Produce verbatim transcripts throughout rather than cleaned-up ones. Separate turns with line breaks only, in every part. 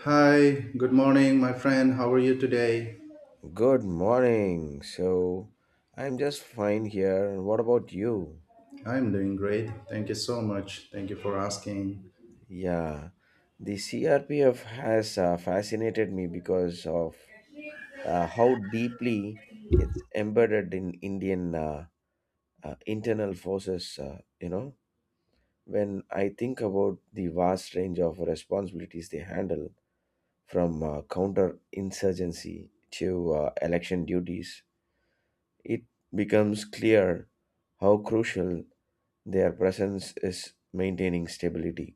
Hi, good morning, my friend. How are you today?
Good morning. So, I'm just fine here. And what about you?
I'm doing great. Thank you so much. Thank you for asking.
Yeah, the C R P F has uh, fascinated me because of uh, how deeply it's embedded in Indian uh, uh, internal forces. Uh, you know, when I think about the vast range of responsibilities they handle, from uh, counter insurgency to uh, election duties, it becomes clear how crucial their presence is maintaining stability.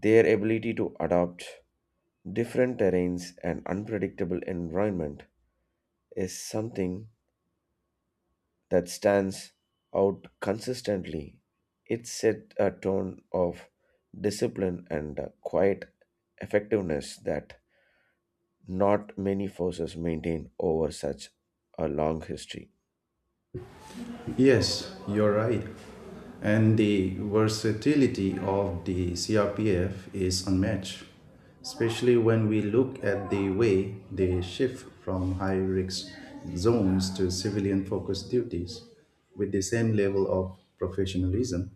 Their ability to adapt different terrains and unpredictable environment is something that stands out consistently. It set a tone of discipline and a quiet effectiveness that not many forces maintain over such a long history.
Yes, you're right. And the versatility of the C R P F is unmatched, especially when we look at the way they shift from high risk zones to civilian focused duties with the same level of professionalism.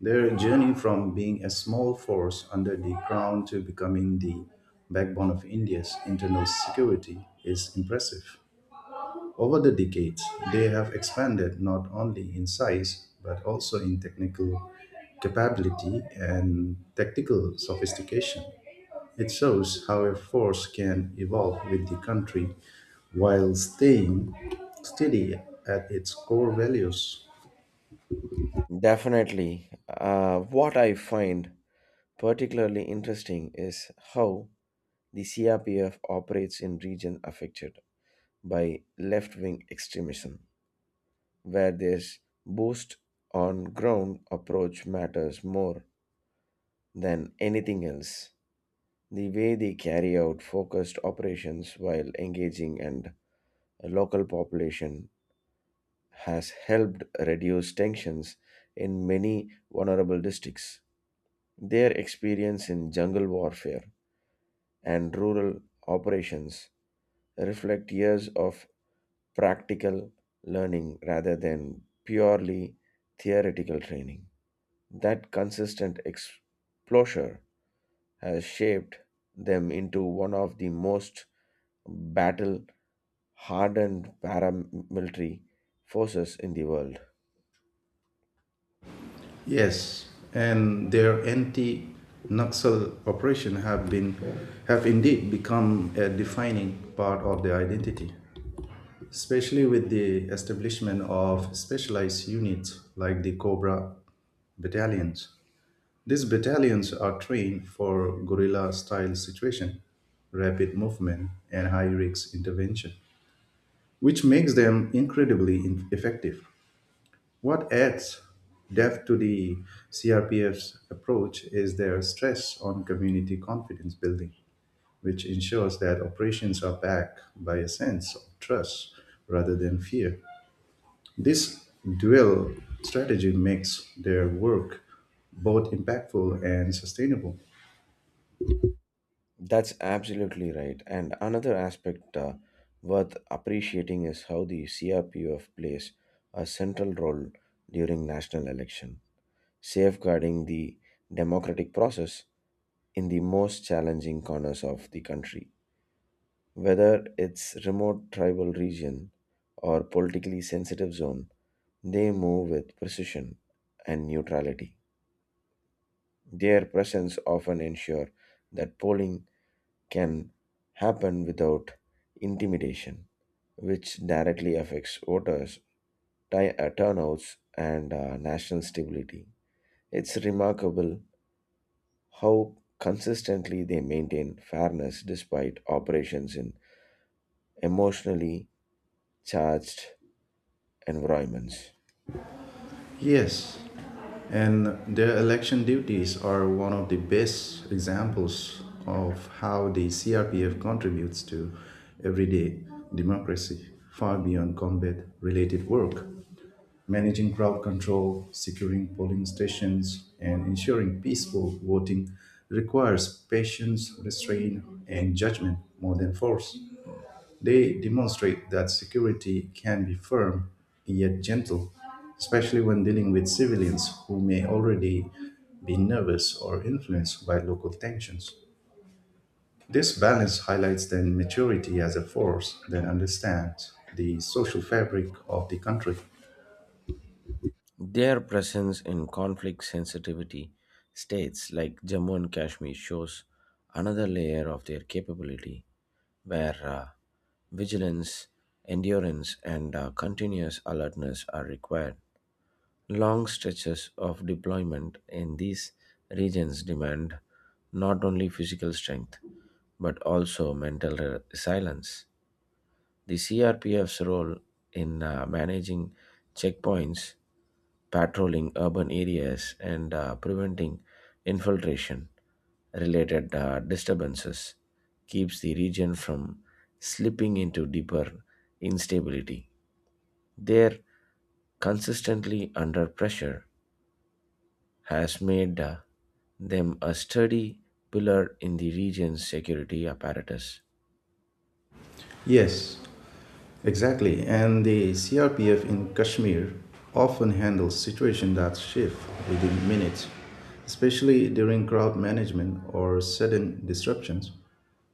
Their journey from being a small force under the crown to becoming the backbone of India's internal security is impressive. Over the decades, they have expanded not only in size but also in technical capability and tactical sophistication. It shows how a force can evolve with the country while staying steady at its core values.
Definitely, uh, what I find particularly interesting is how the C R P F operates in regions affected by left wing extremism, where their boost on ground approach matters more than anything else. The way they carry out focused operations while engaging and a local population has helped reduce tensions in many vulnerable districts. Their experience in jungle warfare and rural operations reflect years of practical learning rather than purely theoretical training. That consistent exposure has shaped them into one of the most battle hardened paramilitary forces in the world.
Yes, and their anti-Naxal operation have been have indeed become a defining part of their identity, especially with the establishment of specialized units like the Cobra battalions. These battalions are trained for guerrilla-style situation, rapid movement, and high-risk intervention, which makes them incredibly in- effective. What adds depth to the C R P F's approach is their stress on community confidence building, which ensures that operations are backed by a sense of trust rather than fear. This dual strategy makes their work both impactful and sustainable.
That's absolutely right. And another aspect uh, worth appreciating is how the C R P F plays a central role during national election, safeguarding the democratic process in the most challenging corners of the country. Whether it's remote tribal region or politically sensitive zone, they move with precision and neutrality. Their presence often ensure that polling can happen without intimidation, which directly affects voters, ti- uh, turnouts, and uh, national stability. It's remarkable how consistently they maintain fairness despite operations in emotionally charged environments.
Yes, and their election duties are one of the best examples of how the C R P F contributes to everyday democracy, far beyond combat related work. Managing crowd control, securing polling stations, and ensuring peaceful voting requires patience, restraint, and judgment more than force. They demonstrate that security can be firm yet gentle, especially when dealing with civilians who may already be nervous or influenced by local tensions. This balance highlights their maturity as a force that understands the social fabric of the country.
Their presence in conflict sensitivity states like Jammu and Kashmir shows another layer of their capability where uh, vigilance, endurance, and uh, continuous alertness are required. Long stretches of deployment in these regions demand not only physical strength but also mental re- silence. The C R P F's role in uh, managing checkpoints, patrolling urban areas, and uh, preventing infiltration related uh, disturbances keeps the region from slipping into deeper instability. Their consistently under pressure has made uh, them a sturdy pillar in the region's security apparatus.
Yes, exactly, and the C R P F in Kashmir often handles situations that shift within minutes, especially during crowd management or sudden disruptions.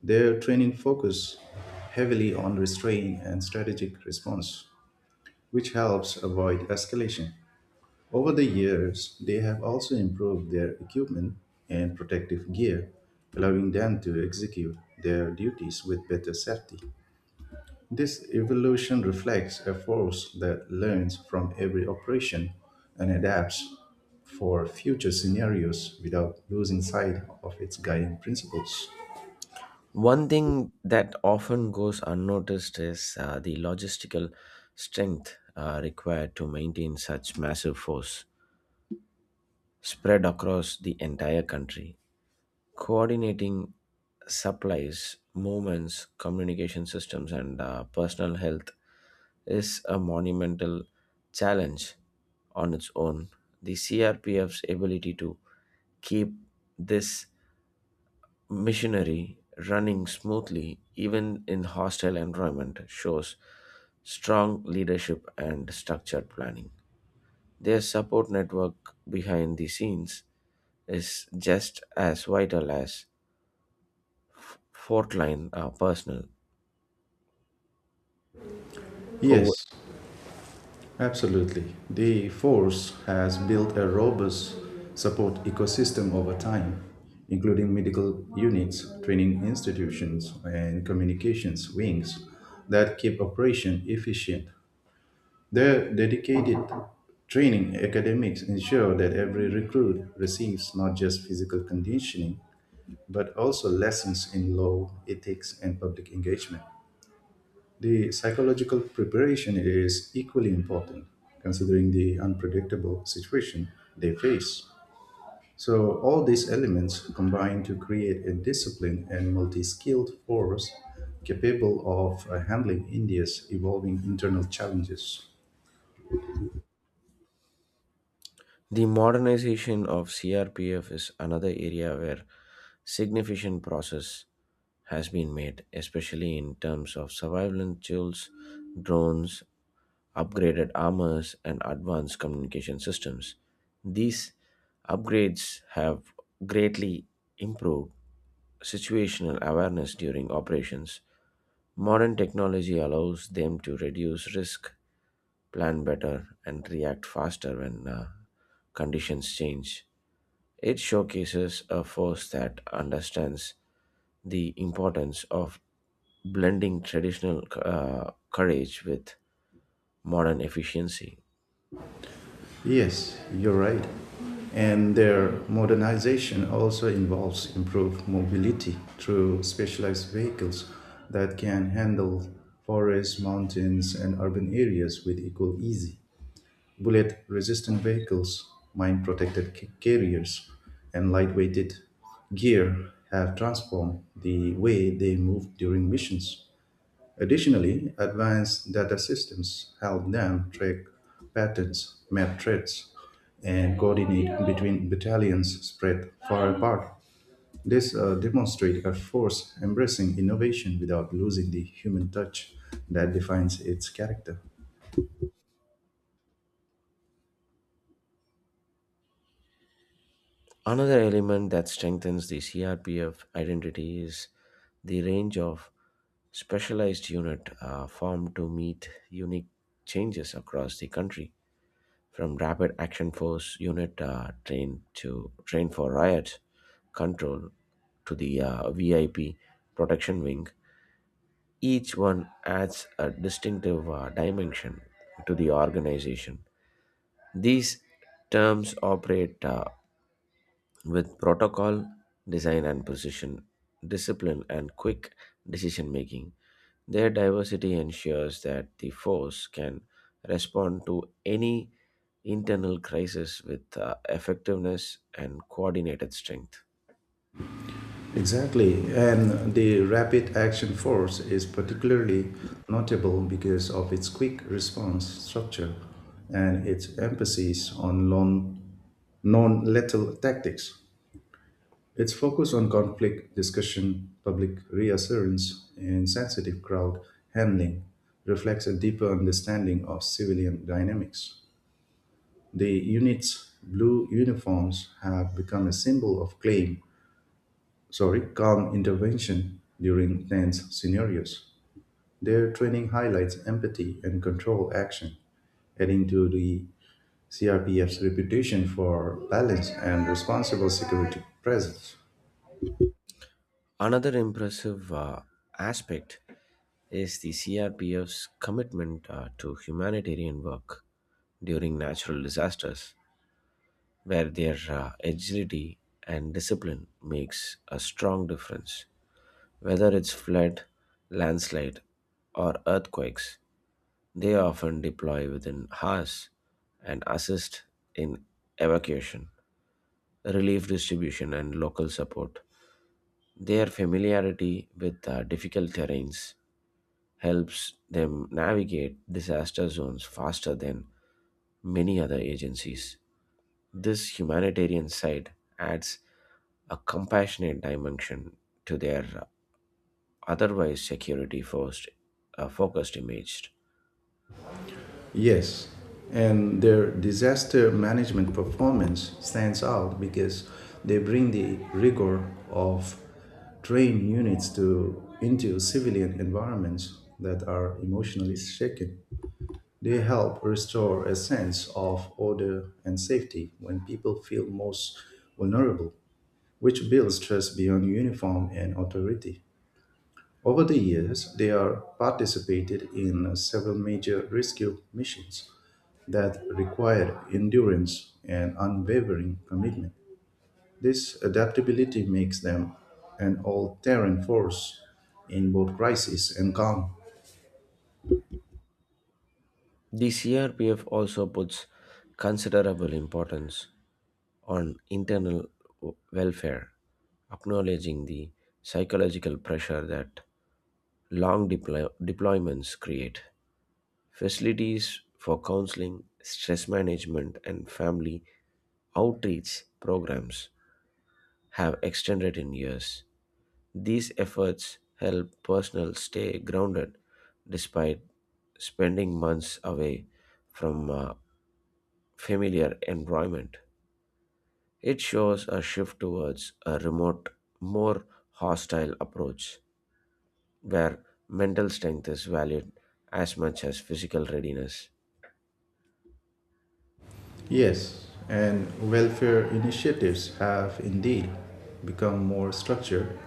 Their training focuses heavily on restraint and strategic response, which helps avoid escalation. Over the years, they have also improved their equipment and protective gear, allowing them to execute their duties with better safety. This evolution reflects a force that learns from every operation and adapts for future scenarios without losing sight of its guiding principles.
One thing that often goes unnoticed is uh, the logistical strength uh, required to maintain such massive force spread across the entire country. Coordinating supplies, movements, communication systems, and uh, personal health is a monumental challenge on its own. The C R P F's ability to keep this Missionary running smoothly even in hostile environment shows strong leadership and structured planning. Their support network behind the scenes is just as vital as frontline uh, personnel
Yes,
who
absolutely. The force has built a robust support ecosystem over time, including medical units, training institutions, and communications wings that keep operation efficient. Their dedicated training academics ensure that every recruit receives not just physical conditioning, but also lessons in law, ethics, and public engagement. The psychological preparation is equally important, considering the unpredictable situation they face. So, all these elements combine to create a disciplined and multi skilled force capable of uh, handling India's evolving internal challenges.
The modernization of C R P F is another area where significant process has been made, especially in terms of surveillance tools, drones, upgraded armors, and advanced communication systems. These upgrades have greatly improved situational awareness during operations. Modern technology allows them to reduce risk, plan better, and react faster when uh, conditions change. It showcases a force that understands the importance of blending traditional uh, courage with modern efficiency.
Yes, you're right. And their modernization also involves improved mobility through specialized vehicles that can handle forests, mountains, and urban areas with equal ease. Bullet resistant vehicles, mine protected ca- carriers, and lightweighted gear have transformed the way they move during missions. Additionally, advanced data systems help them track patterns, map threats, and coordinate between battalions spread far apart. This uh, demonstrates a force embracing innovation without losing the human touch that defines its character.
Another element that strengthens the C R P F identity is the range of specialized unit uh, formed to meet unique changes across the country, from Rapid Action Force unit uh, trained to trained for riot control to the uh, V I P protection wing. Each one adds a distinctive uh, dimension to the organization. These terms operate uh, with protocol, design and precision, discipline and quick decision making. Their diversity ensures that the force can respond to any internal crisis with uh, effectiveness and coordinated strength.
Exactly, and the rapid action force is particularly notable because of its quick response structure and its emphasis on non non lethal tactics. Its focus on conflict discussion, public reassurance, and sensitive crowd handling reflects a deeper understanding of civilian dynamics. The unit's blue uniforms have become a symbol of claim, sorry, calm intervention during tense scenarios. Their training highlights empathy and control action, adding to the C R P F's reputation for balance and responsible security presence.
Another impressive uh, aspect is the C R P F's commitment uh, to humanitarian work during natural disasters, where their uh, agility and discipline makes a strong difference. Whether it's flood, landslide, or earthquakes, they often deploy within hours and assist in evacuation, relief distribution, and local support. Their familiarity with uh, difficult terrains helps them navigate disaster zones faster than many other agencies. This humanitarian side adds a compassionate dimension to their otherwise security first uh, focused image.
Yes, and their disaster management performance stands out because they bring the rigor of trained units to into civilian environments that are emotionally shaken. They help restore a sense of order and safety when people feel most vulnerable, which builds trust beyond uniform and authority. Over the years, they are participated in several major rescue missions that require endurance and unwavering commitment. This adaptability makes them an all terrain force in both crisis and calm.
The C R P F also puts considerable importance on internal w- welfare, acknowledging the psychological pressure that long deploy- deployments create. Facilities for counseling, stress management, and family outreach programs have extended in years. These efforts help personnel stay grounded despite spending months away from a familiar environment. It shows a shift towards a remote, more hostile approach where mental strength is valued as much as physical readiness.
Yes, and welfare initiatives have indeed become more structured,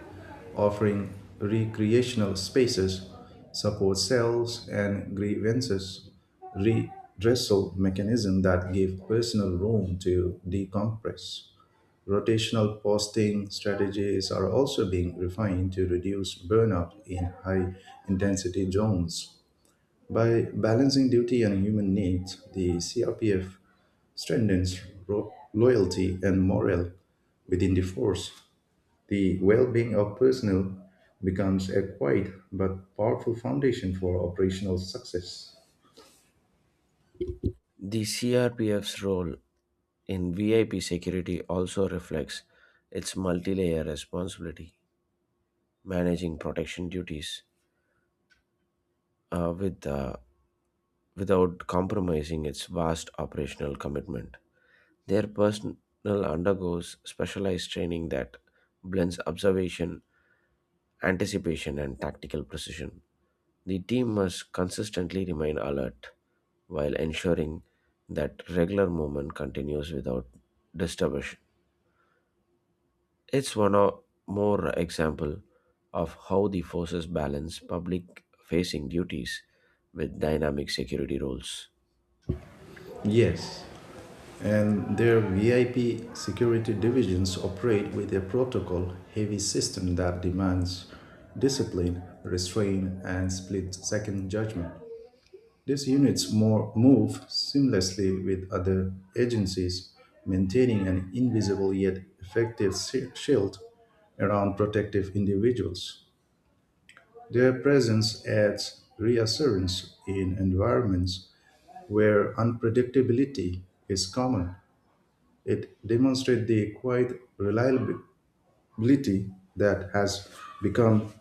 offering recreational spaces, support cells, and grievances redressal mechanisms that give personal room to decompress. Rotational posting strategies are also being refined to reduce burnout in high intensity zones. By balancing duty and human needs, the C R P F strengthens ro- loyalty and morale within the force. The well being of personnel becomes a quiet but powerful foundation for operational success.
The C R P F's role in V I P security also reflects its multi layer responsibility, managing protection duties, uh, with uh, without compromising its vast operational commitment. Their personnel undergoes specialized training that blends observation, anticipation, and tactical precision. The team must consistently remain alert while ensuring that regular movement continues without disturbance. It's one o- more example of how the forces balance public facing duties with dynamic security roles.
Yes, and their V I P security divisions operate with a protocol heavy system that demands discipline, restraint, and split second judgment. These units more, move seamlessly with other agencies, maintaining an invisible yet effective shi- shield around protective individuals. Their presence adds reassurance in environments where unpredictability is common. It demonstrates the quiet reliability that has become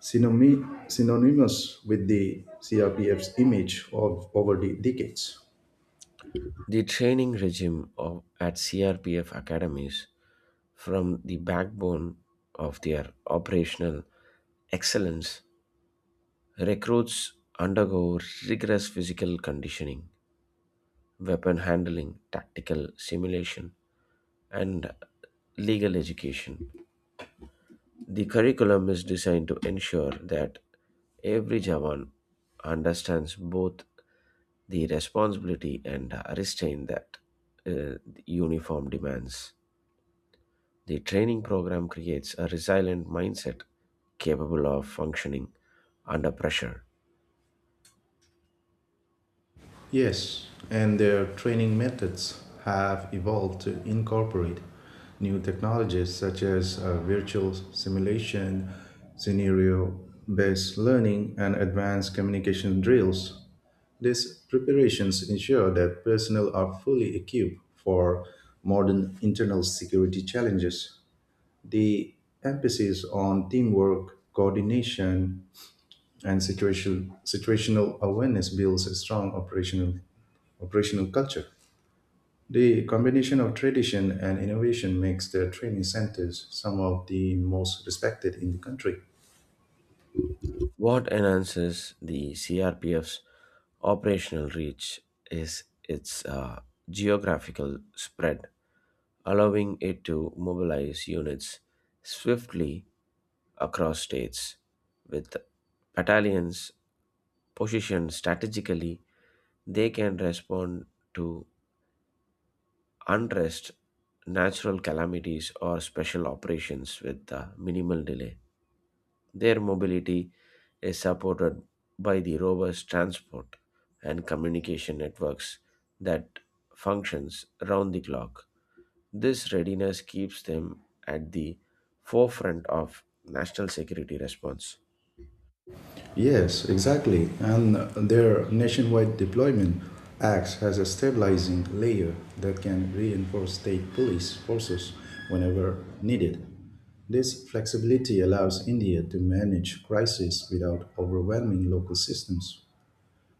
synony- synonymous with the C R P F's image of, over the decades.
The training regime of, at C R P F academies from the backbone of their operational excellence, recruits undergo rigorous physical conditioning, weapon handling, tactical simulation, and legal education. The curriculum is designed to ensure that every Jawan understands both the responsibility and restraint that uh, the uniform demands. The training program creates a resilient mindset capable of functioning under pressure.
Yes, and their training methods have evolved to incorporate new technologies such as uh, virtual simulation, scenario based learning, and advanced communication drills. These preparations ensure that personnel are fully equipped for modern internal security challenges. The emphasis on teamwork, coordination, and situation, situational awareness builds a strong operational operational culture. The combination of tradition and innovation makes the training centers some of the most respected in the country.
What enhances the C R P F's operational reach is its uh, geographical spread, allowing it to mobilize units swiftly across states. With battalions positioned strategically, they can respond to unrest, natural calamities, or special operations with uh, minimal delay. Their mobility is supported by the robust transport and communication networks that functions round the clock. This readiness keeps them at the forefront of national security response.
Yes, exactly. And their nationwide deployment acts as a stabilizing layer that can reinforce state police forces whenever needed. This flexibility allows India to manage crises without overwhelming local systems.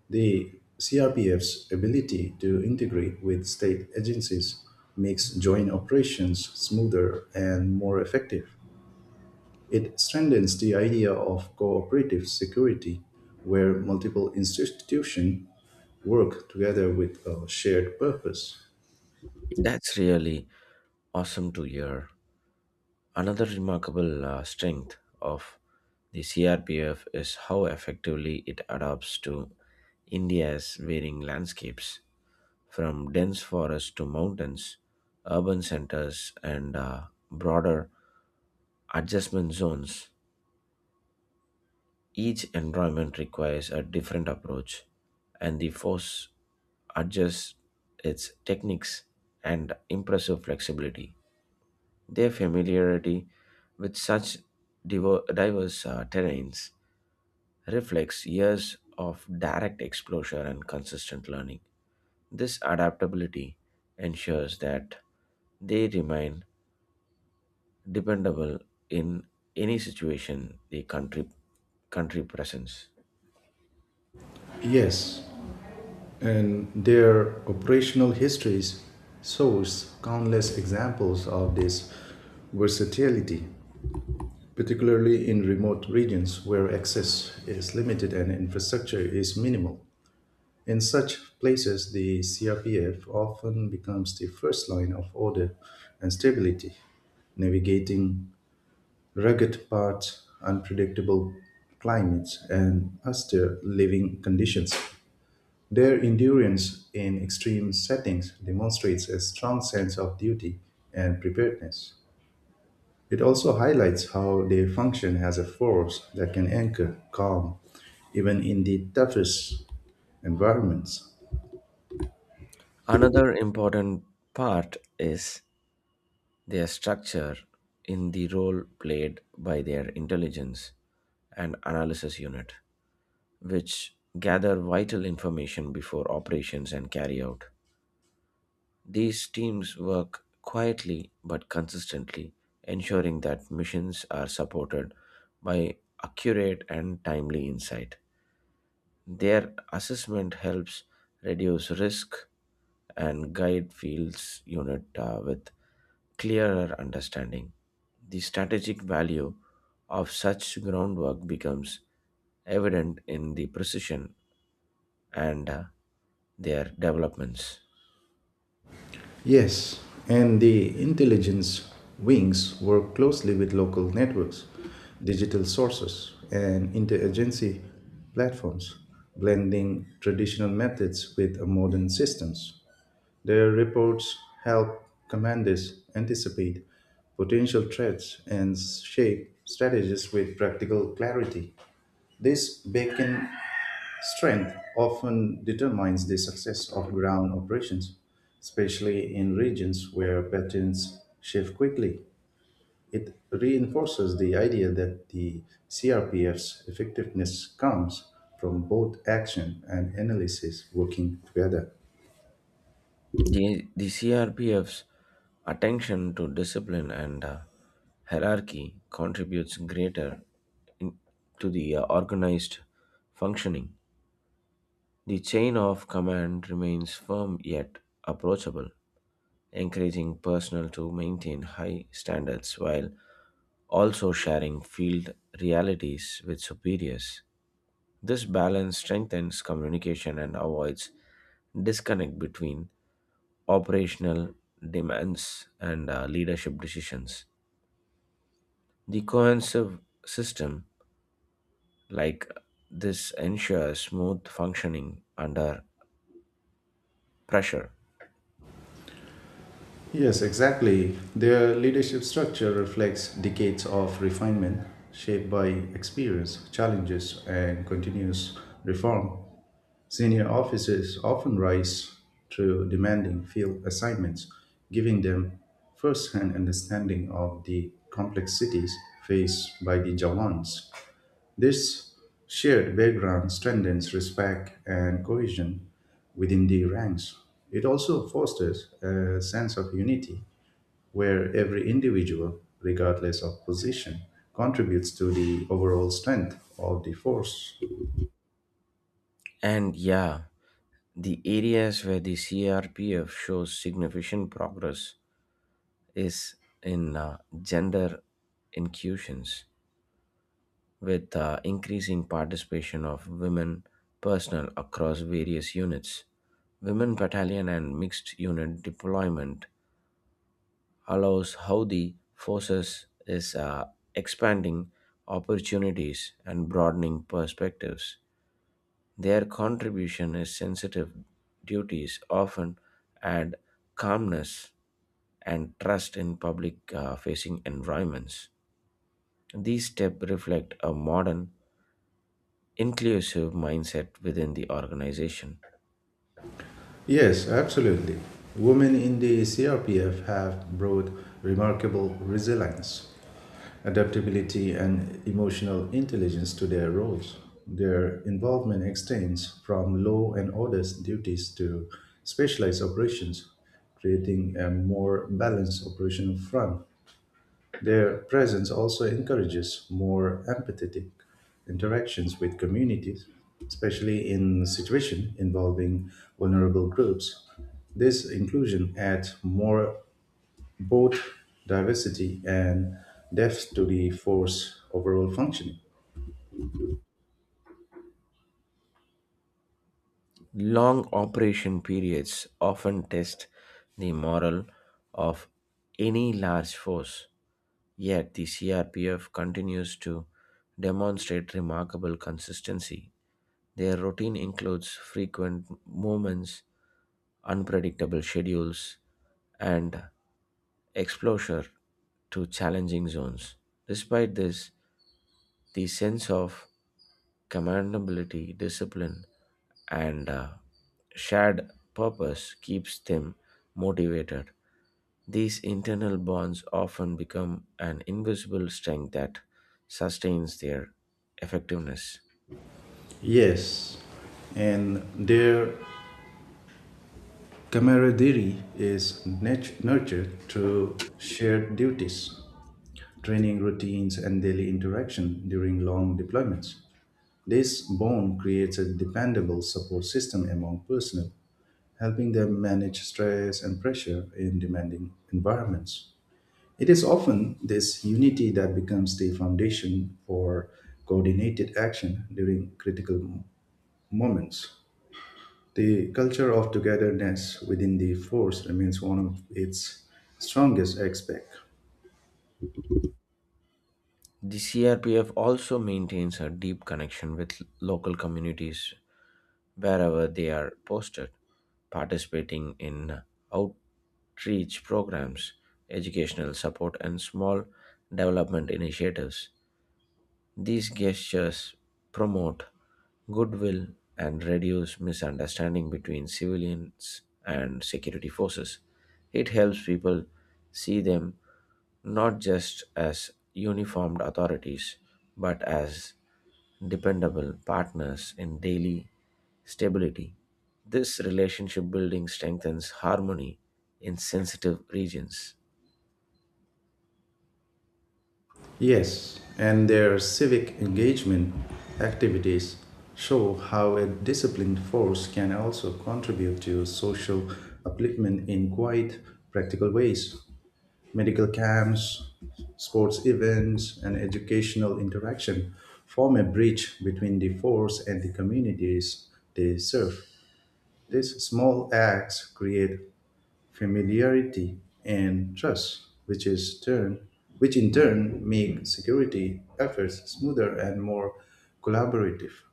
The C R P F's ability to integrate with state agencies makes joint operations smoother and more effective. It strengthens the idea of cooperative security, where multiple institutions work together with a shared purpose.
That's really awesome to hear. Another remarkable uh, strength of the C R P F is how effectively it adapts to India's varying landscapes, from dense forests to mountains, urban centers, and uh, broader adjustment zones. Each environment requires a different approach, and the force adjusts its techniques and impressive flexibility. Their familiarity with such diver- diverse uh, terrains reflects years of direct exposure and consistent learning. This adaptability ensures that they remain dependable in any situation the country country presents.
Yes, and their operational histories shows countless examples of this versatility, particularly in remote regions where access is limited and infrastructure is minimal. In such places, the C R P F often becomes the first line of order and stability, navigating rugged paths, unpredictable climates, and austere living conditions. Their endurance in extreme settings demonstrates a strong sense of duty and preparedness. It also highlights how they function as a force that can anchor calm even in the toughest environments.
Another important part is their structure in the role played by their intelligence and analysis unit, which gather vital information before operations and carry out. These teams work quietly but consistently, ensuring that missions are supported by accurate and timely insight. Their assessment helps reduce risk and guide fields unit uh, with clearer understanding. The strategic value of such groundwork becomes evident in the precision and uh, their developments.
Yes, and the intelligence wings work closely with local networks, digital sources, and interagency platforms, blending traditional methods with modern systems. Their reports help commanders anticipate potential threats and shape strategies with practical clarity. This beacon strength often determines the success of ground operations, especially in regions where patterns shift quickly. It reinforces the idea that the C R P F's effectiveness comes from both action and analysis working together.
The, the C R P F's attention to discipline and uh, hierarchy contributes greater in, to the uh, organized functioning. The chain of command remains firm yet approachable, encouraging personnel to maintain high standards while also sharing field realities with superiors. This balance strengthens communication and avoids disconnect between operational demands and uh, leadership decisions. The cohesive system like this ensures smooth functioning under pressure.
Yes, exactly. Their leadership structure reflects decades of refinement shaped by experience, challenges, and continuous reform. Senior officers often rise through demanding field assignments, giving them first hand understanding of the complexities faced by the Jawans. This shared background strengthens respect and cohesion within the ranks. It also fosters a sense of unity where every individual, regardless of position, contributes to the overall strength of the force.
And yeah, The areas where the C R P F shows significant progress is in uh, gender inclusions, with uh, increasing participation of women personnel across various units. Women battalion and mixed unit deployment allows how the forces is uh, expanding opportunities and broadening perspectives. Their contribution is sensitive duties often add calmness and trust in public uh, facing environments. These steps reflect a modern, inclusive mindset within the organization.
Yes, absolutely. Women in the C R P F have brought remarkable resilience, adaptability, and emotional intelligence to their roles. Their involvement extends from law and order duties to specialized operations, creating a more balanced operational front. Their presence also encourages more empathetic interactions with communities, especially in situations involving vulnerable groups. This inclusion adds more both diversity and depth to the force overall functioning.
Long operation periods often test the morale of any large force, yet the C R P F continues to demonstrate remarkable consistency. Their routine includes frequent movements, unpredictable schedules, and exposure to challenging zones. Despite this, the sense of commendability, discipline, and uh, shared purpose keeps them motivated. These internal bonds often become an invisible strength that sustains their effectiveness.
Yes, and their camaraderie is nat- nurtured through shared duties, training routines, and daily interaction during long deployments. This bond creates a dependable support system among personnel, helping them manage stress and pressure in demanding environments. It is often this unity that becomes the foundation for coordinated action during critical mo- moments. The culture of togetherness within the force remains one of its strongest aspects.
The C R P F also maintains a deep connection with local communities wherever they are posted, participating in outreach programs, educational support, and small development initiatives. These gestures promote goodwill and reduce misunderstanding between civilians and security forces. It helps people see them not just as uniformed authorities but as dependable partners in daily stability. This relationship building strengthens harmony in sensitive regions.
Yes, and their civic engagement activities show how a disciplined force can also contribute to social upliftment in quite practical ways. Medical camps, sports events, and educational interaction form a bridge between the force and the communities they serve. These small acts create familiarity and trust, which is turn which in turn make security efforts smoother and more collaborative.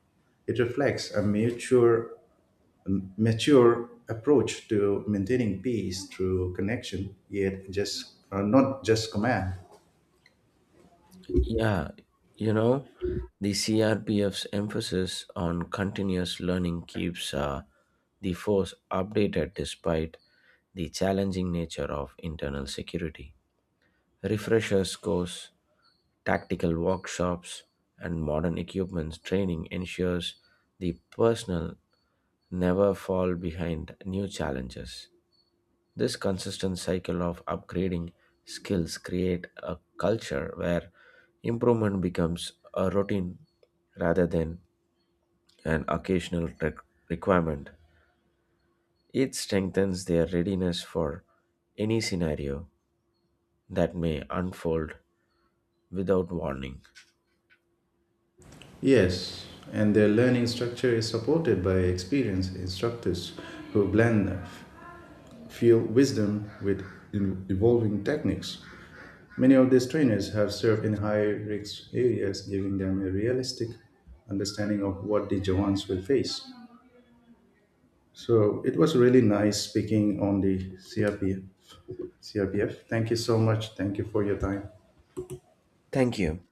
It reflects a mature, mature approach to maintaining peace through connection, yet just uh, not just command.
Yeah, you know, the C R P F's emphasis on continuous learning keeps uh, the force updated despite the challenging nature of internal security. Refreshers course, tactical workshops, and modern equipment training ensures the personnel never fall behind new challenges. This consistent cycle of upgrading skills create a culture where improvement becomes a routine rather than an occasional re- requirement. It strengthens their readiness for any scenario that may unfold without warning.
Yes, and their learning structure is supported by experienced instructors who blend field wisdom with in- evolving techniques. Many of these trainers have served in high risk areas, giving them a realistic understanding of what the Jawans will face. So it was really nice speaking on the C R P F C R P F. Thank you so much. Thank you for your time.
Thank you.